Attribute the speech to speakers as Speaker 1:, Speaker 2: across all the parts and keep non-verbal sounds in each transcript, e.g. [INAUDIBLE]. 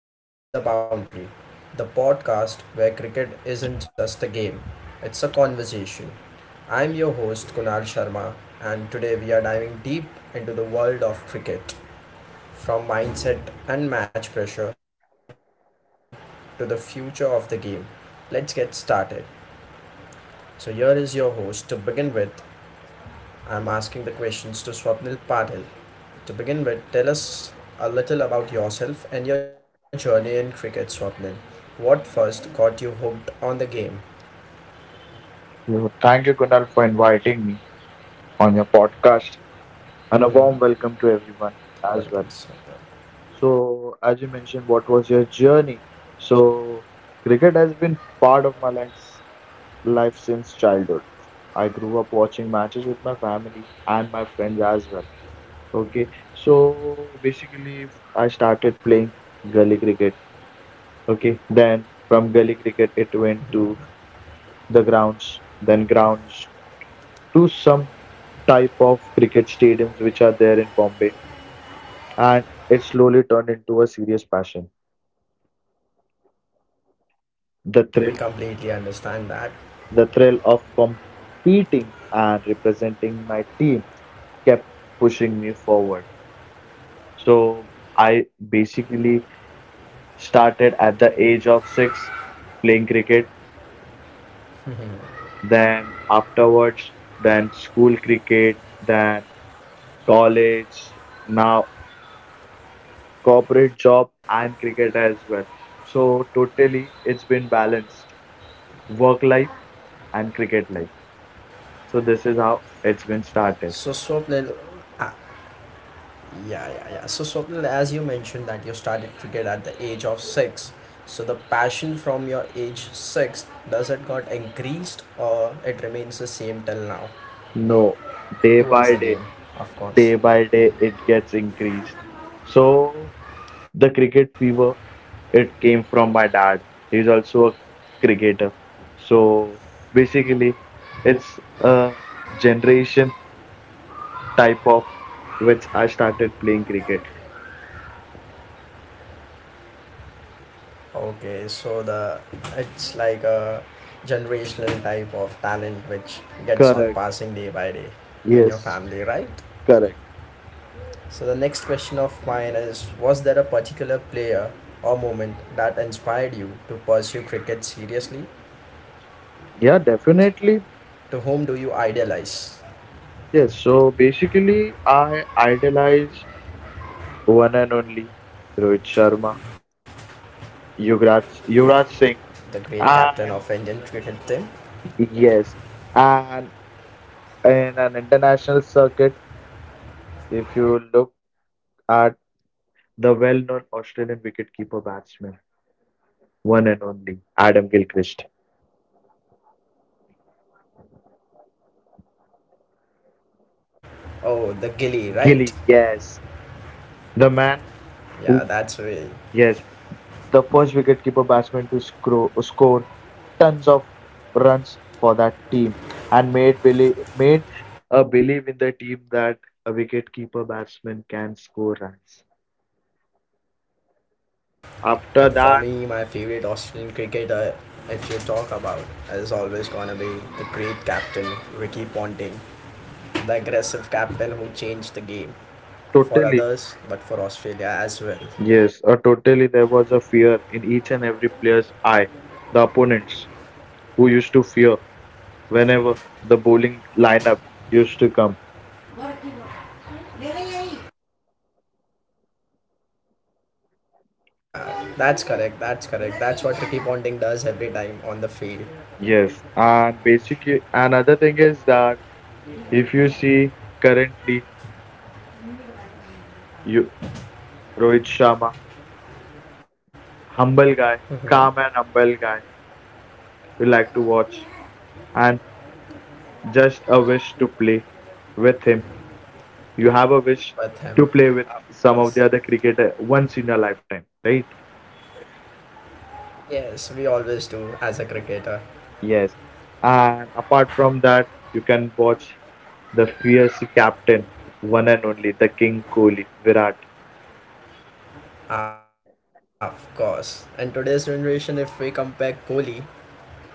Speaker 1: to Inside the Boundary, the podcast where cricket isn't just a game, it's a conversation. I'm your host, Kunal Sharma, and today we are diving deep into the world of cricket from mindset and match pressure to the future of the game. Let's get started. So, here is your host to begin with, I'm asking the questions to Swapnil Patil. To begin with, tell us a little about yourself and your journey in cricket, Swapnil. What first got you hooked on the game? [LAUGHS]
Speaker 2: You. Thank you, Kunal, for inviting me on your podcast, and a warm welcome to
Speaker 1: Mm-hmm.
Speaker 2: everyone as well.
Speaker 1: Well done, Swapnil.
Speaker 2: So, as you mentioned, what was your journey? So, cricket has been part of my life since childhood. I grew up watching matches with my family and my friends as well. Okay, so basically, I started playing gully cricket. Okay, then from gully cricket, it went to the grounds, then grounds to some type of cricket stadiums which are there in Bombay, and it slowly turned into a serious passion. The thrill,
Speaker 1: We completely understand
Speaker 2: the
Speaker 1: that.
Speaker 2: thrill of competing and representing my team kept pushing me forward. So I basically started at the age of six playing cricket, then afterwards, then school cricket, then college, now corporate job and cricket as well. So totally, it's been balanced work life and cricket life. So this is how it's been started.
Speaker 1: So, Swapnil, ah, yeah, yeah, yeah. So, Swapnil, as you mentioned that you started cricket at the age of six. So, the passion from your age six, does it got increased or it remains the same till now?
Speaker 2: No, day
Speaker 1: Towards
Speaker 2: by
Speaker 1: the
Speaker 2: day,
Speaker 1: game, of course.
Speaker 2: day by day, it gets increased. So the cricket fever, it came from my dad. He's also a cricketer. So basically, it's a generation type of which I started playing cricket.
Speaker 1: Okay, so the it's like a generational type of talent which gets on
Speaker 2: Correct.
Speaker 1: passing day by day in your
Speaker 2: Yes.
Speaker 1: family, right?
Speaker 2: Correct.
Speaker 1: So the next question of mine is was there a particular player or moment that inspired you to pursue cricket seriously?
Speaker 2: Yeah, definitely.
Speaker 1: To whom do you idealize?
Speaker 2: Yes. So basically, I idolize one and only Rohit Sharma, Yuvraj Singh,
Speaker 1: The great captain of
Speaker 2: and
Speaker 1: Indian cricket team?
Speaker 2: yes, and in an international circuit, if you look at the well-known Australian wicketkeeper batsman, one and only Adam Gilchrist.
Speaker 1: Oh, the Gilly, right?
Speaker 2: Gilly, yes, the man
Speaker 1: Yeah,
Speaker 2: who,
Speaker 1: that's way.
Speaker 2: yes, the first wicketkeeper batsman to score tons of runs for that team, and made a believe in the team that a wicketkeeper batsman can score runs.
Speaker 1: But
Speaker 2: After
Speaker 1: for me,
Speaker 2: that,
Speaker 1: my favorite Australian cricketer, if you talk about, is always gonna be the great captain Ricky Ponting, the aggressive captain who changed the game for
Speaker 2: totally.
Speaker 1: others, but for Australia as well.
Speaker 2: Yes, totally there was a fear in each and every player's eye. The opponents who used to fear whenever the bowling lineup used to come.
Speaker 1: Yeah, that's correct. That's correct. That's what Ricky Ponting does every time on the field
Speaker 2: Yes, and basically another thing is that if you see currently, you Rohit Sharma, humble guy, calm and humble guy, we like to watch, and just a wish to play with him. You have a wish to
Speaker 1: with
Speaker 2: play
Speaker 1: him.
Speaker 2: with some
Speaker 1: Of
Speaker 2: of the other
Speaker 1: course.
Speaker 2: cricketer once in a lifetime, right?
Speaker 1: Yes, we always do as a cricketer.
Speaker 2: Yes. And apart from that, you can watch the fierce captain, one and only, the King Kohli, Virat.
Speaker 1: Of course. And today's generation, if we compare Kohli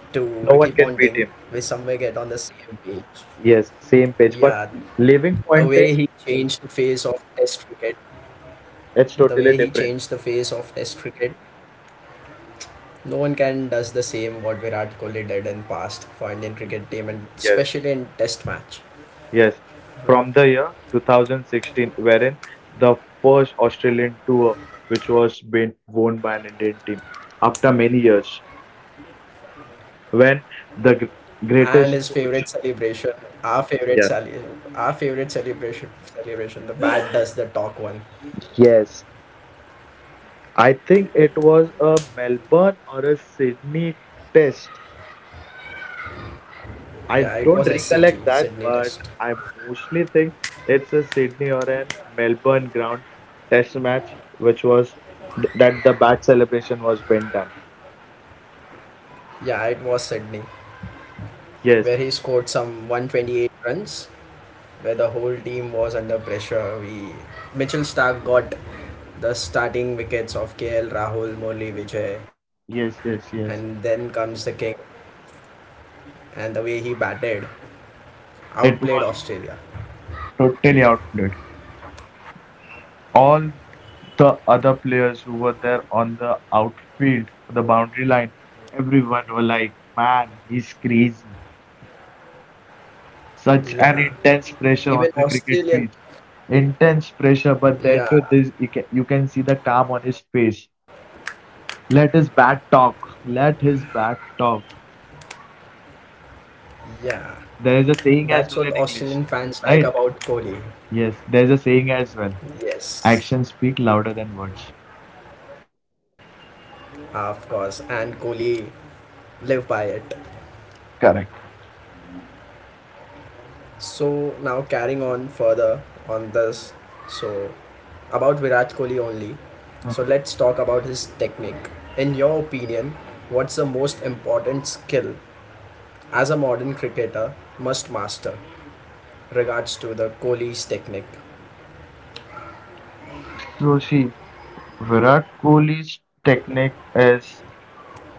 Speaker 1: to
Speaker 2: No
Speaker 1: Ricky
Speaker 2: one can
Speaker 1: Ponting,
Speaker 2: beat him.
Speaker 1: we somewhere get on the same page.
Speaker 2: Yes, same page. But
Speaker 1: Yeah,
Speaker 2: living
Speaker 1: the way
Speaker 2: pointing,
Speaker 1: he changed the face of Test cricket,
Speaker 2: it's
Speaker 1: the
Speaker 2: totally
Speaker 1: way he
Speaker 2: different.
Speaker 1: changed the face of Test cricket, no one can does the same what Virat Kohli did in past for Indian cricket team and
Speaker 2: Yes.
Speaker 1: especially in Test match.
Speaker 2: Yes, from the year 2016, wherein the first Australian tour, which was being won by an Indian team after many years, when the
Speaker 1: And his
Speaker 2: greatest
Speaker 1: favorite
Speaker 2: coach,
Speaker 1: celebration, our favorite
Speaker 2: yes,
Speaker 1: sali, our favorite celebration. The bat [LAUGHS] does the talk one.
Speaker 2: yes, I think it was a Melbourne or a Sydney test. I
Speaker 1: Yeah, it
Speaker 2: don't
Speaker 1: was SCG
Speaker 2: recollect that,
Speaker 1: Sydney
Speaker 2: but
Speaker 1: Test.
Speaker 2: I mostly think it's a Sydney or a Melbourne ground test match, which was th that the bat celebration was being done.
Speaker 1: Yeah, it was Sydney
Speaker 2: Yes.
Speaker 1: where he scored some 128 runs where the whole team was under pressure. We Mitchell Starc got the starting wickets of KL Rahul, Murli Vijay,
Speaker 2: Yes, yes,
Speaker 1: and
Speaker 2: yes.
Speaker 1: then comes the king. And the way he batted,
Speaker 2: It was
Speaker 1: outplayed Australia.
Speaker 2: totally outplayed. All the other players who were there on the outfield, the boundary line, everyone were like, man, he's crazy. Such an
Speaker 1: Yeah,
Speaker 2: intense pressure on the
Speaker 1: even
Speaker 2: cricket pitch.
Speaker 1: Australian.
Speaker 2: Intense pressure, but then to
Speaker 1: Yeah,
Speaker 2: this, you can see the calm on his face. Let his bat talk. Let his bat talk.
Speaker 1: yeah.
Speaker 2: There is a saying as
Speaker 1: That's
Speaker 2: well
Speaker 1: what
Speaker 2: in English,
Speaker 1: Australian fans like
Speaker 2: right?
Speaker 1: about Kohli.
Speaker 2: Yes, there's a saying as well.
Speaker 1: Yes,
Speaker 2: Actions speak louder than words.
Speaker 1: of course. And Kohli live by it.
Speaker 2: Correct.
Speaker 1: So now carrying on further on this, so about Virat Kohli only. So let's talk about his technique. In your opinion, what's the most important skill as a modern cricketer must master regards to the Kohli's technique?
Speaker 2: Joshi, Virat Kohli's technique is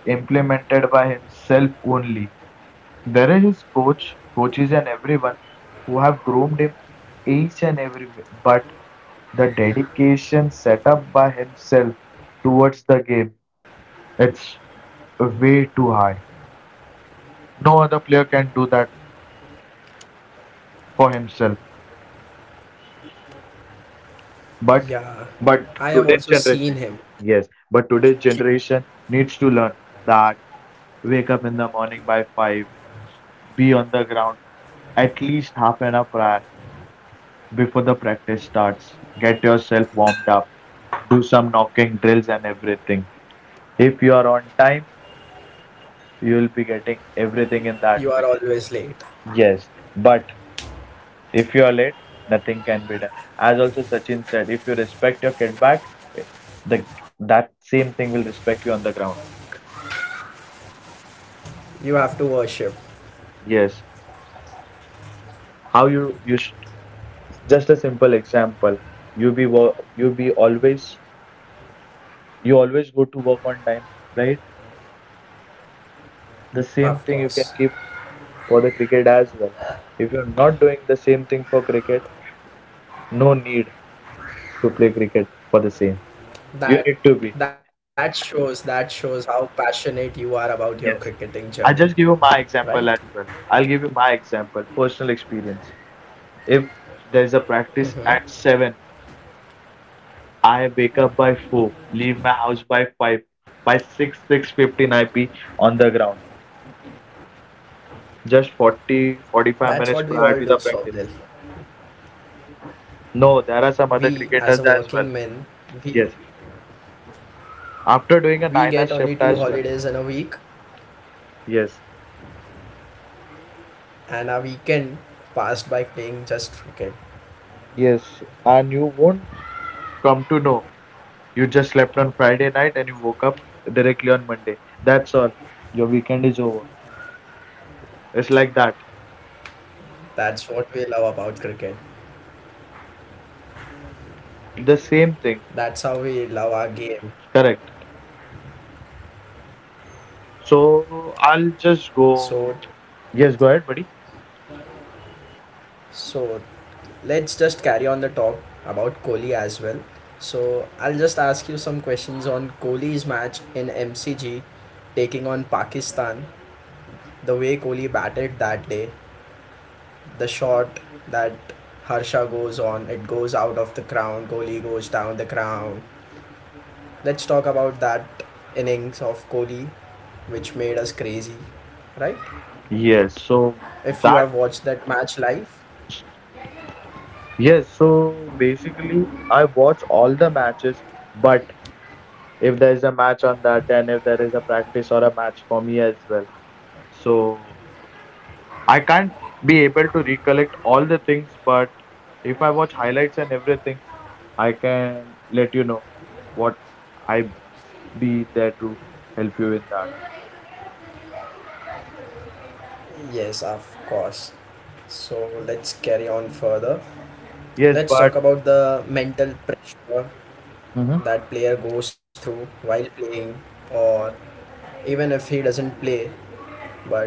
Speaker 2: implemented by himself only. There is his coaches and everyone who have groomed him each and every way. But the dedication set up by himself towards the game, it's way too high. No other player can do that for himself. But
Speaker 1: Yeah,
Speaker 2: but
Speaker 1: I
Speaker 2: today's
Speaker 1: have also
Speaker 2: generation,
Speaker 1: seen him.
Speaker 2: yes, but today's generation needs to learn that wake up in the morning by five. Be on the ground at least half an hour prior before the practice starts. Get yourself warmed up. Do some knocking drills and everything. If you are on time, you'll be getting everything in that way.
Speaker 1: You are always late.
Speaker 2: Yes, but if you are late, nothing can be done. As also Sachin said, if you respect your kickback, the that same thing will respect you on the ground.
Speaker 1: You have to worship,
Speaker 2: Yes, how you you sh- just a simple example. You be wo- you be always you always go to work on time, right? The same
Speaker 1: of
Speaker 2: thing you can
Speaker 1: course.
Speaker 2: keep for the cricket as well. If you're not doing the same thing for cricket, no need to play cricket for the same. You need
Speaker 1: That
Speaker 2: to be.
Speaker 1: that shows how passionate you are about your
Speaker 2: Yes.
Speaker 1: cricketing journey,
Speaker 2: I just give you my
Speaker 1: right?
Speaker 2: example as well. I'll give you my example, personal experience. If there is a practice at
Speaker 1: Mhm.
Speaker 2: seven, I wake up by four, leave my house by five. By six, 6:15, I be on the ground. Just 40, 45
Speaker 1: That's what
Speaker 2: minutes
Speaker 1: we
Speaker 2: prior
Speaker 1: all
Speaker 2: to
Speaker 1: do,
Speaker 2: the practice.
Speaker 1: Swapnil.
Speaker 2: No, there are some other
Speaker 1: We, as
Speaker 2: cricketers
Speaker 1: a
Speaker 2: as well.
Speaker 1: working men, we
Speaker 2: Yes, after doing a
Speaker 1: we
Speaker 2: 9-hour
Speaker 1: get only
Speaker 2: shift
Speaker 1: two
Speaker 2: as well.
Speaker 1: holidays in a week,
Speaker 2: Yes.
Speaker 1: and our weekend passed by playing just cricket.
Speaker 2: Yes, and you won't come to know. You just slept on Friday night and you woke up directly on Monday. That's all. Your weekend is over. It's like that.
Speaker 1: That's what we love about cricket.
Speaker 2: The same thing.
Speaker 1: That's how we love our game.
Speaker 2: Correct. So I'll just go.
Speaker 1: So,
Speaker 2: Yes, go ahead, buddy.
Speaker 1: so let's just carry on the talk about Kohli as well. So I'll just ask you some questions on Kohli's match in MCG, taking on Pakistan. The way Kohli batted that day, the shot that Harsha goes on, it goes out of the crown, Kohli goes down the crown. Let's talk about that innings of Kohli, which made us crazy, right?
Speaker 2: Yes,
Speaker 1: If you
Speaker 2: that,
Speaker 1: have watched that match live,
Speaker 2: yes, so basically I watch all the matches, but if there is a match on that, and if there is a practice or a match for me as well. So I can't be able to recollect all the things, but if I watch highlights and everything, I can let you know what I be there to help you in that.
Speaker 1: yes, of course. So let's carry on further.
Speaker 2: Yes,
Speaker 1: Let's
Speaker 2: but.
Speaker 1: talk about the mental pressure
Speaker 2: Mhm.
Speaker 1: that player goes through while playing or even if he doesn't play, but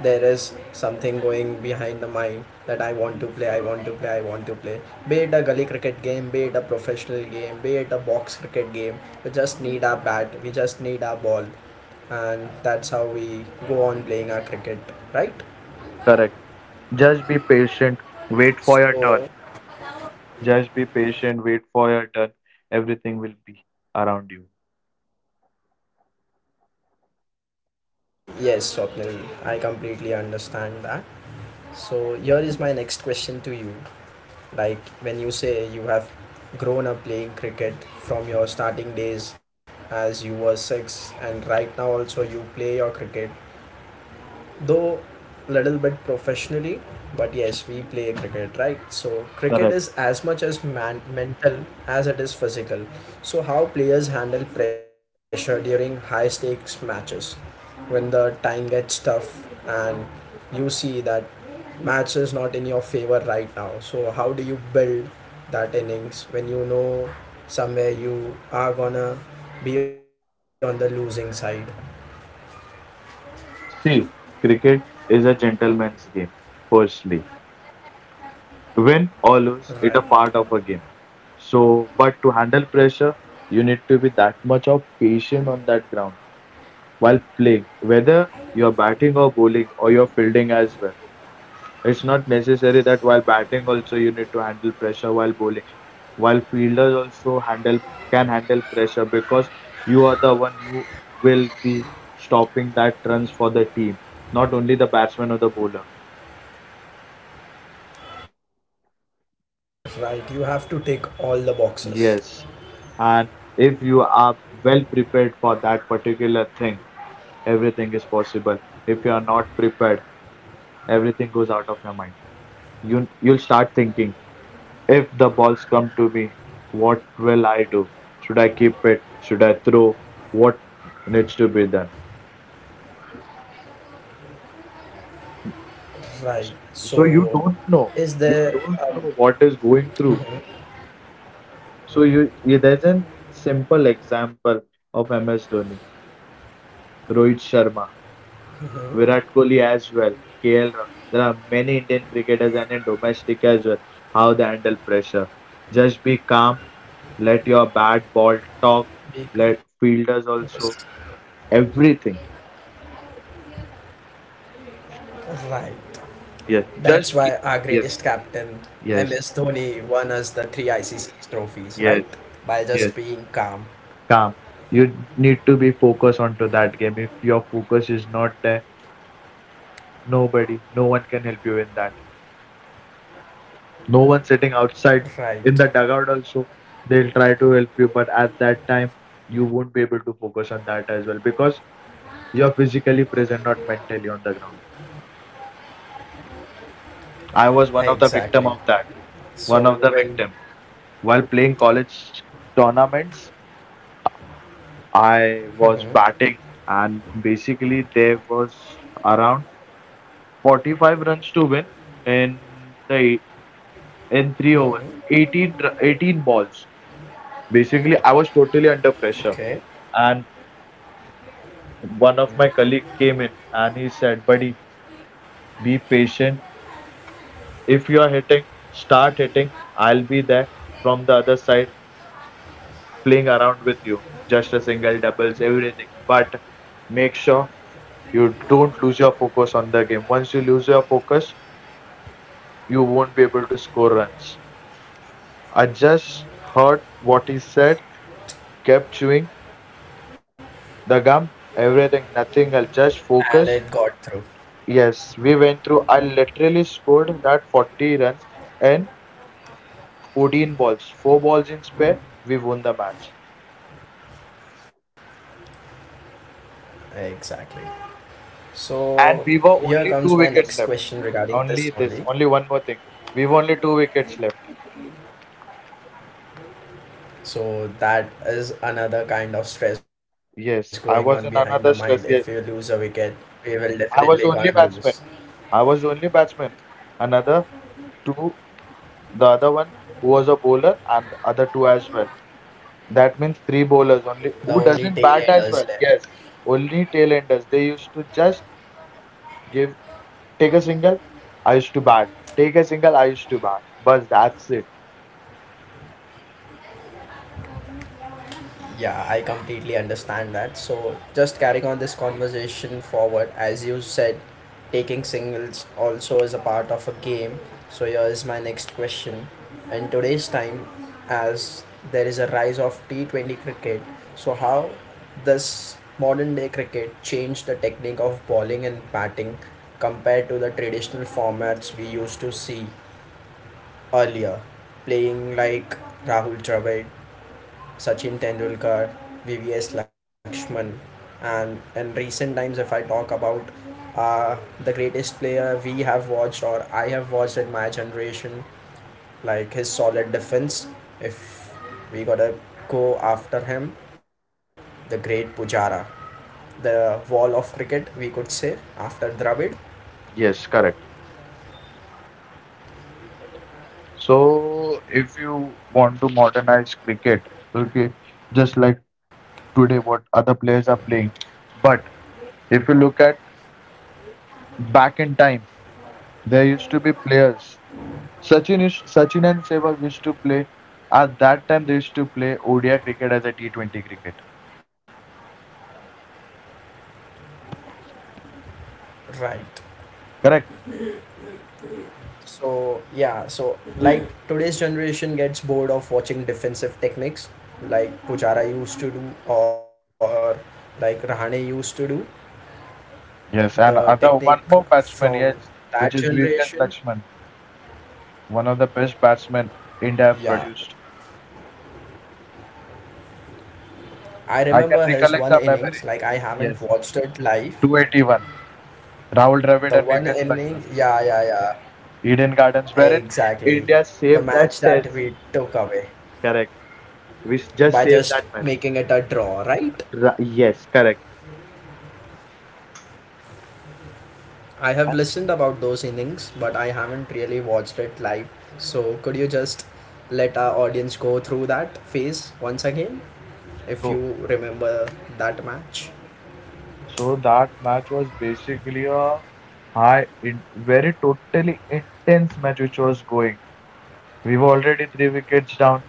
Speaker 1: there is something going behind the mind that I want to play, I want to play, I want to play. Be it a gully cricket game, be it a professional game, be it a box cricket game, we just need our bat, we just need our ball, and that's how we go on playing our cricket, right?
Speaker 2: Correct. Just be patient. Wait for your turn.
Speaker 1: So,
Speaker 2: Just be patient. Wait for your turn. Everything will be around you.
Speaker 1: yes, Swapnil, I completely understand that. So, here is my next question to you. Like when you say you have grown up playing cricket from your starting days as you were six, and right now also you play your cricket, though little bit professionally, but yes we play cricket, right? So cricket
Speaker 2: Correct.
Speaker 1: is as much as man- mental as it is physical. So how players handle pressure during high stakes matches when the time gets tough and you see that match is not in your favor right now, so how do you build that innings when you know somewhere you are gonna be on the losing side?
Speaker 2: See, cricket is a gentleman's game, firstly. Win or lose,
Speaker 1: Right.
Speaker 2: it's a part of a game. So, but to handle pressure, you need to be that much of patient on that ground while playing, whether you're batting or bowling or you're fielding as well. It's not necessary that while batting also you need to handle pressure while bowling. While fielders also handle can handle pressure, because you are the one who will be stopping that runs for the team, not only the batsman or the bowler.
Speaker 1: Right, you have to tick all the boxes.
Speaker 2: Yes. And if you are well prepared for that particular thing, everything is possible. If you are not prepared, everything goes out of your mind. You'll start thinking, if the balls come to me, what will I do? Should I keep it? Should I throw? What needs to be done?
Speaker 1: Right.
Speaker 2: So you
Speaker 1: So,
Speaker 2: don't know.
Speaker 1: is
Speaker 2: You
Speaker 1: there
Speaker 2: don't know what is going through.
Speaker 1: Mhm.
Speaker 2: So there's a simple example of MS Dhoni, Rohit Sharma, Virat Kohli as well, KL Rahul. There are many Indian cricketers and in domestic as well. How they handle pressure. Just be calm. Let your bat ball talk.
Speaker 1: Big.
Speaker 2: Let fielders also. Everything.
Speaker 1: Right. That's
Speaker 2: Yes.
Speaker 1: why our
Speaker 2: Just keep.
Speaker 1: greatest
Speaker 2: Yes.
Speaker 1: captain, MS
Speaker 2: Yes.
Speaker 1: Dhoni, won us the three ICC trophies, right?
Speaker 2: Yes.
Speaker 1: By just being
Speaker 2: Yes.
Speaker 1: calm.
Speaker 2: Calm. You need to be focused onto that game. If your focus is not there, nobody, no one can help you in that. No one sitting outside
Speaker 1: Right.
Speaker 2: in the dugout also, they'll try to help you, but at that time you won't be able to focus on that as well, because you're physically present, not mentally on the ground. I was one
Speaker 1: Exactly.
Speaker 2: of the victim of that.
Speaker 1: So when
Speaker 2: One of the victim, while playing college tournaments, I
Speaker 1: Mhm.
Speaker 2: was batting, and basically there was around 45 runs to win in the in 3 overs, 18 balls. Basically I was totally under
Speaker 1: Okay.
Speaker 2: pressure. And one of my
Speaker 1: Mhm.
Speaker 2: colleague came in and he said, "Buddy, be patient. If you are hitting, start hitting. I'll be there from the other side playing around with you. Just a single, doubles, everything. But make sure you don't lose your focus on the game. Once you lose your focus, you won't be able to score runs." I just heard what he said, kept chewing the gum, everything, nothing else, just
Speaker 1: And it
Speaker 2: focus.
Speaker 1: got through.
Speaker 2: Yes, we went through. I literally scored that 40 runs in 14 balls, 4 balls in spare, we won the match.
Speaker 1: Exactly. So
Speaker 2: And we were
Speaker 1: here comes
Speaker 2: only
Speaker 1: my
Speaker 2: 2
Speaker 1: next
Speaker 2: wickets
Speaker 1: question
Speaker 2: left.
Speaker 1: regarding this
Speaker 2: Only
Speaker 1: only.
Speaker 2: this, only one more thing. We were only 2 wickets left.
Speaker 1: So that is another kind of stress going on behind
Speaker 2: Yes,
Speaker 1: the
Speaker 2: I
Speaker 1: mind.
Speaker 2: was
Speaker 1: If
Speaker 2: in
Speaker 1: we
Speaker 2: another
Speaker 1: lose a
Speaker 2: stress.
Speaker 1: wicket,
Speaker 2: Yes,
Speaker 1: we will definitely gonna
Speaker 2: I was
Speaker 1: lose.
Speaker 2: only batsman. I was only batsman. Another two, the other one who was a bowler, and the other two as well. That means three bowlers only
Speaker 1: The
Speaker 2: who
Speaker 1: only
Speaker 2: doesn't
Speaker 1: tail
Speaker 2: bat as
Speaker 1: enders
Speaker 2: well. Yes,
Speaker 1: left.
Speaker 2: only tail enders. They used to just give, take a single, I used to bat. Take a single, I used to bat. But that's it.
Speaker 1: Yeah, I completely understand that. So, just carrying on this conversation forward, as you said, taking singles also is a part of a game. So, here is my next question. In today's time, as there is a rise of T20 cricket, so how does modern day cricket change the technique of bowling and batting compared to the traditional formats we used to see earlier? Playing like Rahul Dravid, Sachin Tendulkar, VVS Lakshman, and in recent times, if I talk about uh, the greatest player we have watched or I have watched in my generation, like his solid defense, if we gotta go after him, the great Pujara, the wall of cricket, we could say, after Dravid.
Speaker 2: Yes, correct. So if you want to modernize cricket, okay, just like today what other players are playing. But if you look at back in time, there used to be players. Sachin and Sehwag used to play. At that time they used to play ODI cricket as a T20 cricket.
Speaker 1: Right. So yeah, so like today's generation gets bored of watching defensive techniques like Pujara used to do or like Rahane used to do.
Speaker 2: Yes, and
Speaker 1: The
Speaker 2: other
Speaker 1: technique
Speaker 2: one more batsman,
Speaker 1: from
Speaker 2: yes,
Speaker 1: that
Speaker 2: which is Vivek
Speaker 1: generation.
Speaker 2: Lakshman, one of the best batsmen India have
Speaker 1: Yeah.
Speaker 2: produced.
Speaker 1: I
Speaker 2: I can
Speaker 1: remember his
Speaker 2: recollect
Speaker 1: one
Speaker 2: the
Speaker 1: innings,
Speaker 2: memory.
Speaker 1: like I haven't
Speaker 2: Yes,
Speaker 1: watched it live.
Speaker 2: 281. Rahul Dravid
Speaker 1: The
Speaker 2: and
Speaker 1: one
Speaker 2: Vivian
Speaker 1: inning,
Speaker 2: Lakshman.
Speaker 1: yeah, yeah, yeah.
Speaker 2: Eden Gardens, wherein
Speaker 1: Exactly.
Speaker 2: India
Speaker 1: The
Speaker 2: saved that
Speaker 1: match that
Speaker 2: test.
Speaker 1: we took away
Speaker 2: Correct. We just
Speaker 1: by
Speaker 2: saved
Speaker 1: just
Speaker 2: that match.
Speaker 1: making it a draw, right?
Speaker 2: Yes, correct.
Speaker 1: I have
Speaker 2: And
Speaker 1: listened about those innings, but I haven't really watched it live. So could you just let our audience go through that phase once again, if
Speaker 2: so,
Speaker 1: you remember that match?
Speaker 2: so that match was basically a very totally intense match which was going. We were already three wickets down.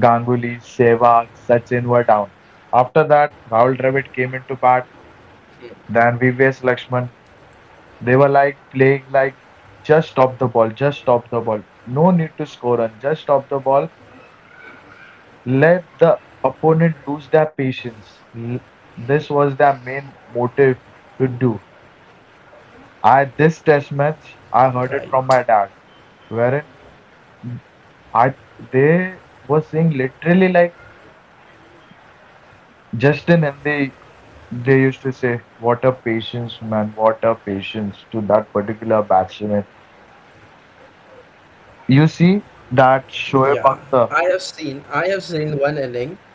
Speaker 2: Ganguly, Sehwag, Sachin were down. After that, Rahul Dravid came into bat.
Speaker 1: Okay.
Speaker 2: Then VVS Lakshman, they were like playing like, just stop the ball, just stop the ball. No need to score run, just stop the ball. Let the opponent lose their patience. This was their main motive to do. I This test match, I heard it
Speaker 1: Right.
Speaker 2: from my dad, wherein I they were saying literally like Justin, and they used to say, what a patience, man, what a patience to that particular batsman. You see that Shoaib
Speaker 1: Yeah.
Speaker 2: Akhtar.
Speaker 1: I have seen. I have seen one inning.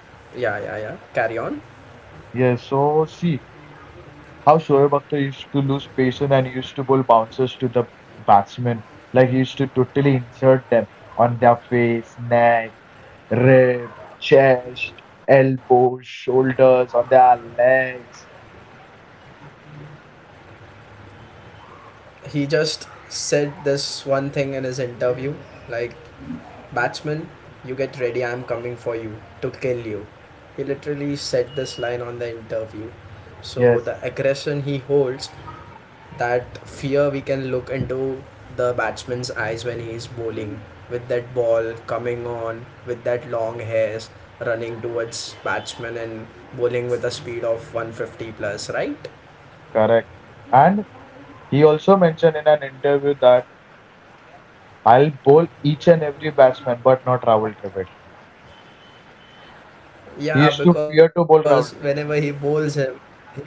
Speaker 1: Yeah, yeah, yeah. Carry on.
Speaker 2: Yes, so see how Shoaib Akhtar used to lose patience and used to bowl bouncers to the batsmen. Like he used to totally insert them on their face, neck, rib, chest, elbows, shoulders, on their legs.
Speaker 1: He just said this one thing in his interview like, batsman, you get ready, I am coming for you to kill you. He literally said this line on the interview. So
Speaker 2: Yes,
Speaker 1: the aggression he holds, that fear we can look into the batsman's eyes when he is bowling, with that ball coming on with that long hairs running towards batsman and bowling with a speed of 150 plus, right?
Speaker 2: correct. And he also mentioned in an interview that, I'll bowl each and every batsman, but not Rahul Dravid. He used
Speaker 1: Yeah,
Speaker 2: to fear
Speaker 1: because
Speaker 2: to bowl
Speaker 1: whenever
Speaker 2: Rahul
Speaker 1: he
Speaker 2: Dravid.
Speaker 1: bowls him, he just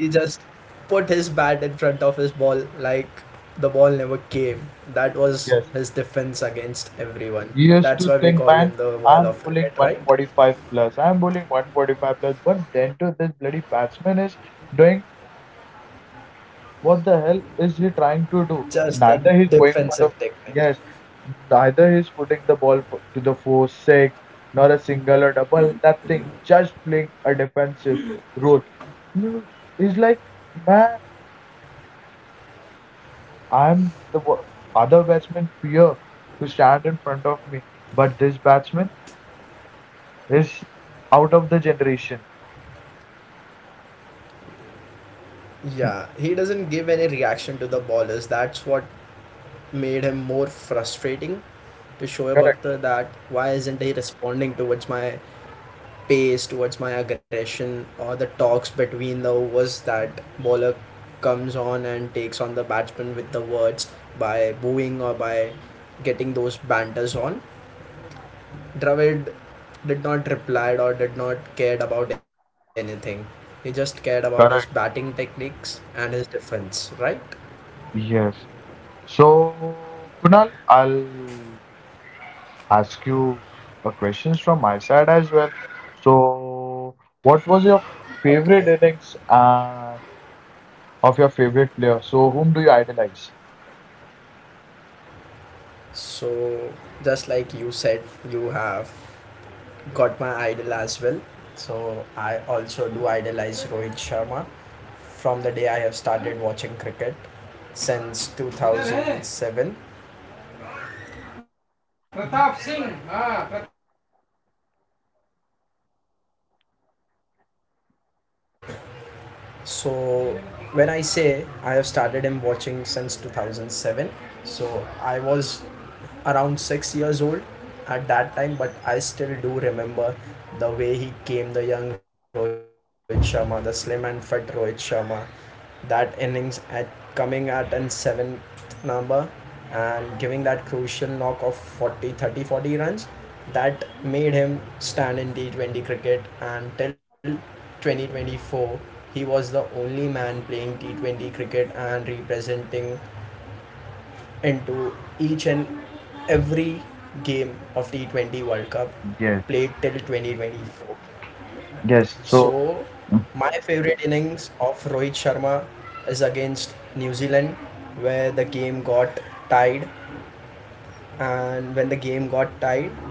Speaker 1: put his bat in front of his ball like the ball never came. That was
Speaker 2: Yes.
Speaker 1: his defense against everyone.
Speaker 2: You used
Speaker 1: That's
Speaker 2: to
Speaker 1: why we
Speaker 2: think,
Speaker 1: call
Speaker 2: man,
Speaker 1: him the wall
Speaker 2: I'm
Speaker 1: of
Speaker 2: bowling
Speaker 1: cricket, right?
Speaker 2: 145 plus, I'm bowling 145 plus, but then to this bloody batsman is doing, what the hell is he trying to do?
Speaker 1: Just a
Speaker 2: Neither he's going for
Speaker 1: defensive
Speaker 2: the,
Speaker 1: technique.
Speaker 2: yes, neither he's putting the ball for, to the four, six, not a single or double, nothing, just playing a defensive role. No, it's like, man, I'm the wo- other batsman fear to stand in front of me, but this batsman is out of the generation.
Speaker 1: Yeah, he doesn't give any reaction to the ballers. That's what made him more frustrating to Shoaib
Speaker 2: Correct.
Speaker 1: Akhtar, that why isn't he responding towards my pace, towards my aggression, or the talks between the overs that bowler comes on and takes on the batsman with the words by booing or by getting those banters on. Dravid did not reply or did not cared about anything. He just cared about his
Speaker 2: Correct.
Speaker 1: batting techniques and his defense, right?
Speaker 2: Yes. So, Kunal, I'll ask you a questions from my side as well. So, what was your
Speaker 1: Okay.
Speaker 2: favorite innings of your favorite player? So, whom do you idolize?
Speaker 1: So just like you said, you have got my idol as well. So I also do idolize Rohit Sharma from the day I have started watching cricket since 2007. Pratap Singh So when I say I have started him watching since 2007, so I was around 6 years old at that time, but I still do remember the way he came, the young Rohit Sharma, the slim and fit Rohit Sharma. That innings at coming at in seventh number and giving that crucial knock of 40, 30, 40 runs that made him stand in T20 cricket, and till 2024 he was the only man playing T20 cricket and representing into each and every game of T20 World Cup
Speaker 2: Yes.
Speaker 1: played till 2024.
Speaker 2: Yes. So,
Speaker 1: So, my favorite innings of Rohit Sharma is against New Zealand, where the game got tied. And when the game got tied,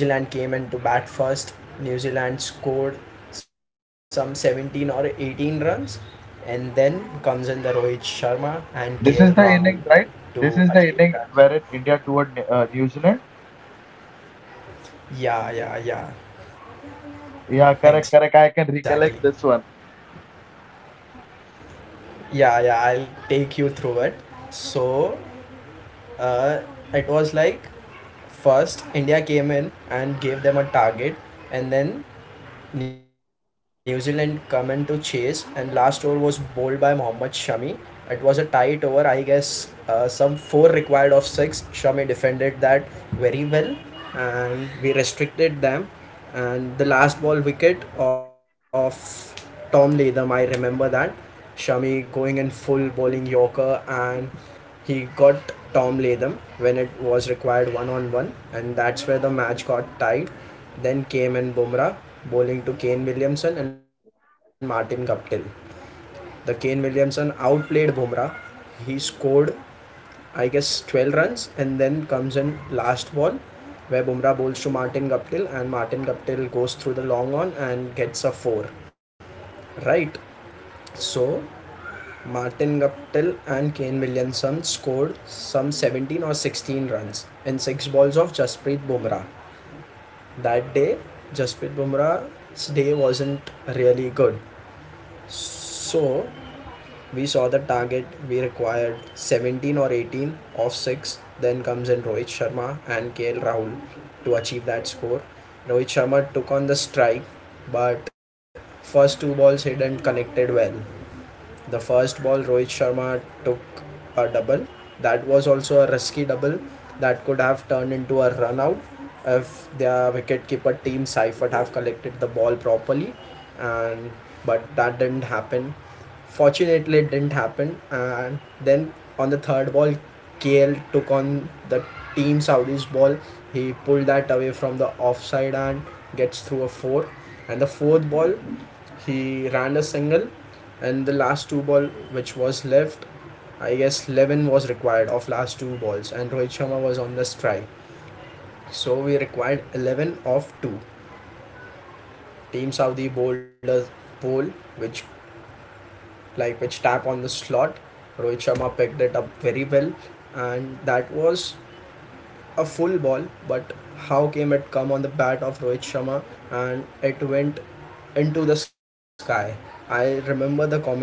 Speaker 1: New Zealand came in to bat first. New Zealand scored some 17 or 18 runs, and then comes in the Rohit Sharma and KL
Speaker 2: this is the
Speaker 1: Rahul
Speaker 2: inning, right?
Speaker 1: to
Speaker 2: This is
Speaker 1: achieve
Speaker 2: the
Speaker 1: that.
Speaker 2: inning wherein India toured New Zealand.
Speaker 1: Yeah, yeah, yeah.
Speaker 2: Yeah, correct, correct. I
Speaker 1: Exactly.
Speaker 2: can recollect this one.
Speaker 1: Yeah, yeah. I'll take you through it. So, uh, it was like first India came in and gave them a target, and then New Zealand come in to chase. And last over was bowled by Mohammad Shami. It was a tight over, I guess. Some four required of six. Shami defended that very well, and we restricted them. And the last ball wicket of Tom Latham, I remember that Shami going in full bowling Yorker and he got Tom Latham when it was required one on one, and that's where the match got tied. Then came in Bumrah bowling to Kane Williamson and Martin Guptill. The Kane Williamson outplayed Bumrah. He scored, I guess, 12 runs, and then comes in last ball where Bumrah bowls to Martin Guptill, and Martin Guptill goes through the long on and gets a 4, right? So Martin Guptill and Kane Williamson scored some 17 or 16 runs in 6 balls of Jasprit Bumrah. That day, Jasprit Bumrah's day wasn't really good. So we saw the target, we required 17 or 18 off 6, then comes in Rohit Sharma and KL Rahul to achieve that score. Rohit Sharma took on the strike, but first two balls he didn't connected well. The first ball, Rohit Sharma took a double. That was also a risky double that could have turned into a run out if their wicketkeeper team Seifert have collected the ball properly, and but that didn't happen. Fortunately, it didn't happen. And then on the third ball, KL took on the team Saudi's ball. He pulled that away from the offside and gets through a four. And the fourth ball, he ran a single, and the last two ball which was left, I guess 11 was required of last two balls, and Rohit Sharma was on the strike. So we required 11 of 2. Team Saudi bowled a ball which, which tap on the slot. Rohit Sharma picked it up very well, and that was a full ball, but how came it come on the bat of Rohit Sharma and it went into the sky? I remember the commentary.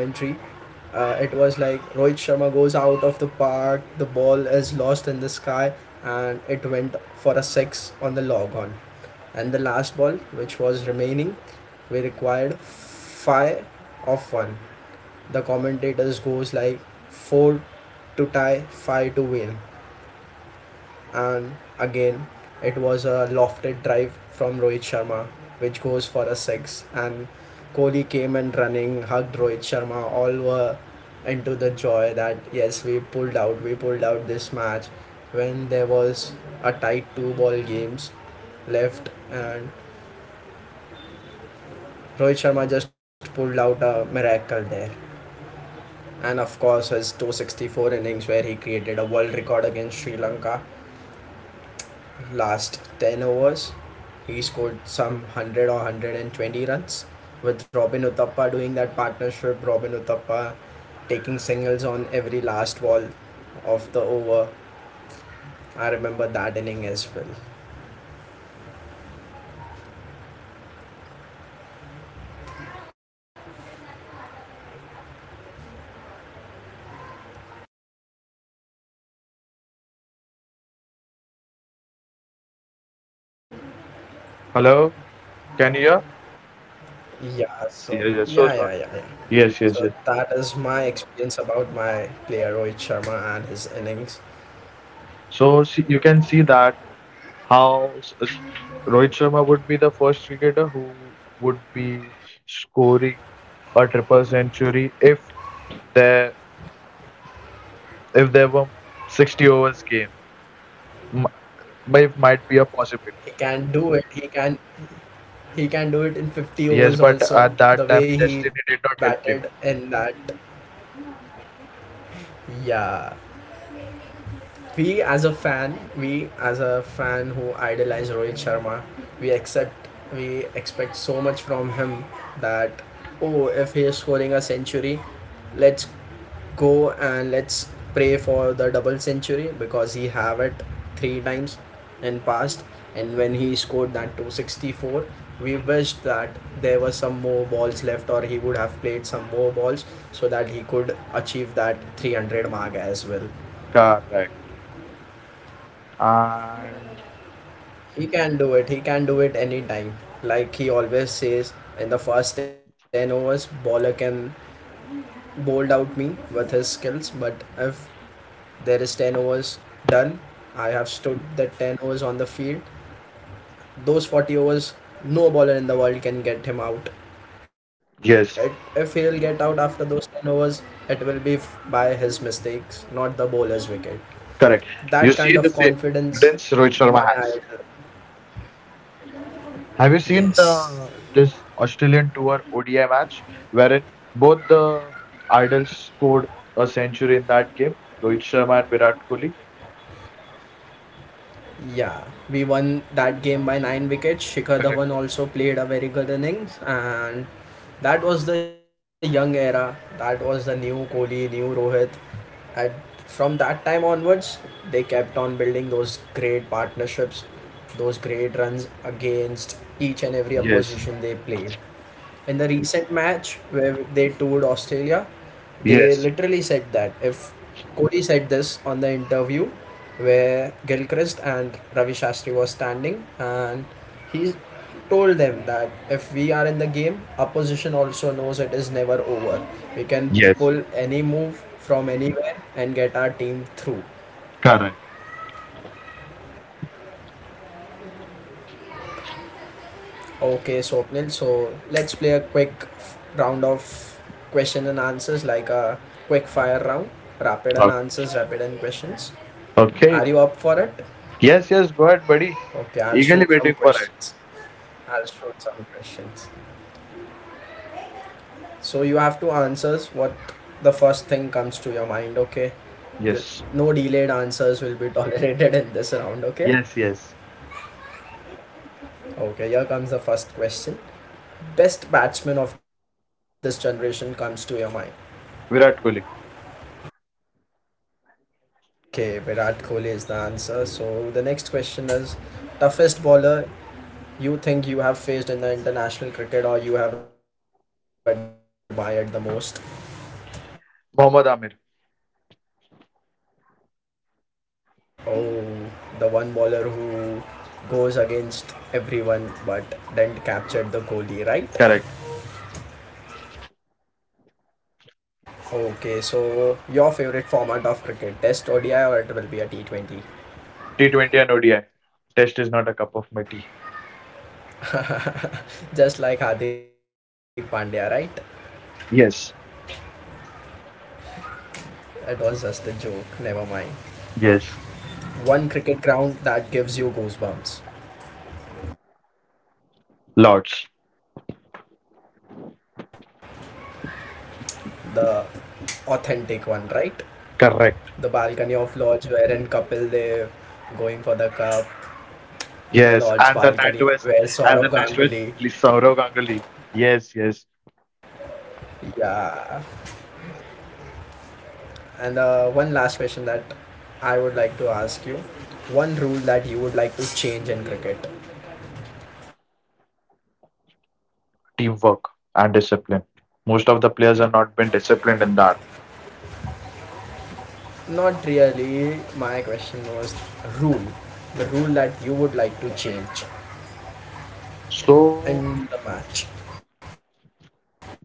Speaker 1: It was like Rohit Sharma goes out of the park, the ball is lost in the sky, and it went for a six on the log on. And the last ball, which was remaining, we required five of one. The commentators goes like four to tie, five to win, and again, it was a lofted drive from Rohit Sharma, which goes for a six. And Kohli came and running, hugged Rohit Sharma. All were into the joy that, yes, we pulled out this match when there was a tight two ball games left. And Rohit Sharma just pulled out a miracle there. And of course, his 264 innings, where he created a world record against Sri Lanka last 10 overs. He scored some 100 or 120 runs with Robin Uthappa doing that partnership. Robin Uthappa taking singles on every last ball of the over. I remember that inning as well.
Speaker 2: Hello, can you hear?
Speaker 1: Yeah,
Speaker 2: Yes,
Speaker 1: so
Speaker 2: yes. So sorry.
Speaker 1: yeah, yeah, yeah, yeah.
Speaker 2: Yes, yes, yes.
Speaker 1: So that is my experience about my player Rohit Sharma and his innings.
Speaker 2: So see, you can see that how Rohit Sharma would be the first cricketer who would be scoring a triple century there if there were 60 overs game. M- might be a possibility.
Speaker 1: He can do it. He can do it in 50
Speaker 2: Yes,
Speaker 1: overs
Speaker 2: but at
Speaker 1: also.
Speaker 2: that
Speaker 1: The
Speaker 2: time
Speaker 1: way he
Speaker 2: destiny did not
Speaker 1: batted
Speaker 2: help him.
Speaker 1: in that. Yeah. We as a fan who idolize Rohit Sharma, we accept we expect so much from him that, oh, if he is scoring a century, let's go and let's pray for the double century because he have it three times in past. And when he scored that 264, we wished that there were some more balls left or he would have played some more balls so that he could achieve that 300 mark as well.
Speaker 2: Correct. And
Speaker 1: He can do it. He can do it anytime. Like he always says, in the first 10 overs, bowler can bowled out me with his skills. But if there is 10 overs done, I have stood the 10 overs on the field. Those 40 overs, no bowler in the world can get him out.
Speaker 2: yes,
Speaker 1: If he'll get out after those 10 overs, it will be by his mistakes, not the bowler's wicket.
Speaker 2: correct. You
Speaker 1: That
Speaker 2: see
Speaker 1: kind
Speaker 2: the
Speaker 1: of
Speaker 2: same
Speaker 1: confidence,
Speaker 2: confidence Rohit Sharma
Speaker 1: my
Speaker 2: has.
Speaker 1: idol.
Speaker 2: Have you seen
Speaker 1: Yes.
Speaker 2: the this Australian Tour ODI match wherein both the idols scored a century in that game? Rohit Sharma and Virat Kohli.
Speaker 1: Yeah, we won that game by nine wickets. Shikhar
Speaker 2: Correct.
Speaker 1: Dhawan also played a very good innings, and that was the young era. That was the new Kohli, new Rohit. And from that time onwards, they kept on building those great partnerships, those great runs against each and every
Speaker 2: Yes.
Speaker 1: opposition they played. In the recent match where they toured Australia, they
Speaker 2: Yes.
Speaker 1: literally said that if Kohli said this on the interview where Gilchrist and Ravi Shastri was standing, and he told them that if we are in the game, opposition also knows it is never over. We can
Speaker 2: Yes.
Speaker 1: pull any move from anywhere and get our team through.
Speaker 2: Correct.
Speaker 1: Okay, Swapnil. So let's play a quick round of question and answers, like a quick fire round, rapid and
Speaker 2: O-
Speaker 1: answers, rapid and questions. Are
Speaker 2: Okay.
Speaker 1: you up for it?
Speaker 2: Yes. Yes. Go ahead, buddy.
Speaker 1: Okay, I'll
Speaker 2: Eagerly
Speaker 1: shoot some
Speaker 2: waiting for it.
Speaker 1: questions. I'll shoot some questions. So you have to answer what the first thing comes to your mind. Okay, the,
Speaker 2: Yes.
Speaker 1: no delayed answers will be [LAUGHS] tolerated in this round. Okay.
Speaker 2: Yes. Yes.
Speaker 1: Okay, here comes the first question. Best batsman of this generation comes to your mind.
Speaker 2: Virat Kohli.
Speaker 1: Okay, Virat Kohli is the answer. So the next question is toughest bowler you think you have faced in the international cricket or you have admired the most?
Speaker 2: Mohammad Amir.
Speaker 1: Oh, the one bowler who goes against everyone but didn't capture the Kohli, right?
Speaker 2: Correct.
Speaker 1: Okay, so your favorite format of cricket, Test ODI, or it will be a T20?
Speaker 2: T20 and ODI. Test is not a cup of my tea.
Speaker 1: Just like Hardik Pandya, right?
Speaker 2: Yes.
Speaker 1: It was just a joke, never mind.
Speaker 2: Yes.
Speaker 1: One cricket ground that gives you goosebumps.
Speaker 2: Lords.
Speaker 1: The authentic one, right? The balcony
Speaker 2: Correct.
Speaker 1: of lodge wherein Kapil Dev going for the cup, the lodge
Speaker 2: Yes, and
Speaker 1: balcony
Speaker 2: the
Speaker 1: where
Speaker 2: NatWest,
Speaker 1: Saurav
Speaker 2: and the
Speaker 1: Ganguly.
Speaker 2: NatWest Saurav Ganguly. Yes, yes,
Speaker 1: Yeah. And one last question that I would like to ask you. One rule that you would like to change in cricket.
Speaker 2: teamwork and discipline. Most of the players have not been disciplined in that.
Speaker 1: Not really. My question was rule. The rule that you would like to change
Speaker 2: So
Speaker 1: in the match.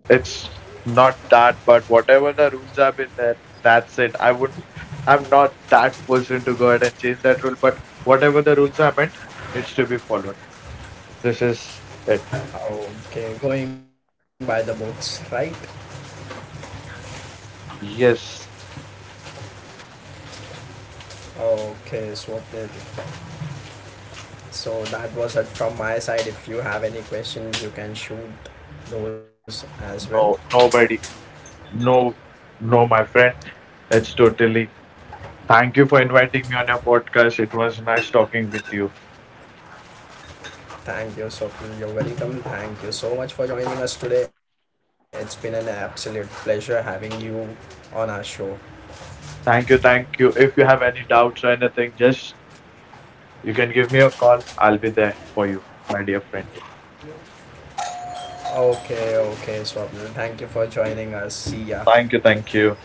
Speaker 2: it's not that, but whatever the rules have been there, that's it. I would, I'm not that person to go ahead and change that rule, but whatever the rules are meant needs to be followed. This is it.
Speaker 1: Okay, going by the books, right?
Speaker 2: Yes,
Speaker 1: Okay, Swapnil. So that was it from my side. If you have any questions, you can shoot those as well.
Speaker 2: no, nobody, no, no, my friend. It's totally, thank you for inviting me on your podcast. It was nice talking with you.
Speaker 1: Thank you, so you're welcome. Thank you so much for joining us today. It's been an absolute pleasure having you on our show.
Speaker 2: Thank you, thank you. If you have any doubts or anything, just you can give me a call. I'll be there for you, my dear friend.
Speaker 1: Okay, okay, Swapnil. Thank you for joining us. See ya.
Speaker 2: Thank you, thank you.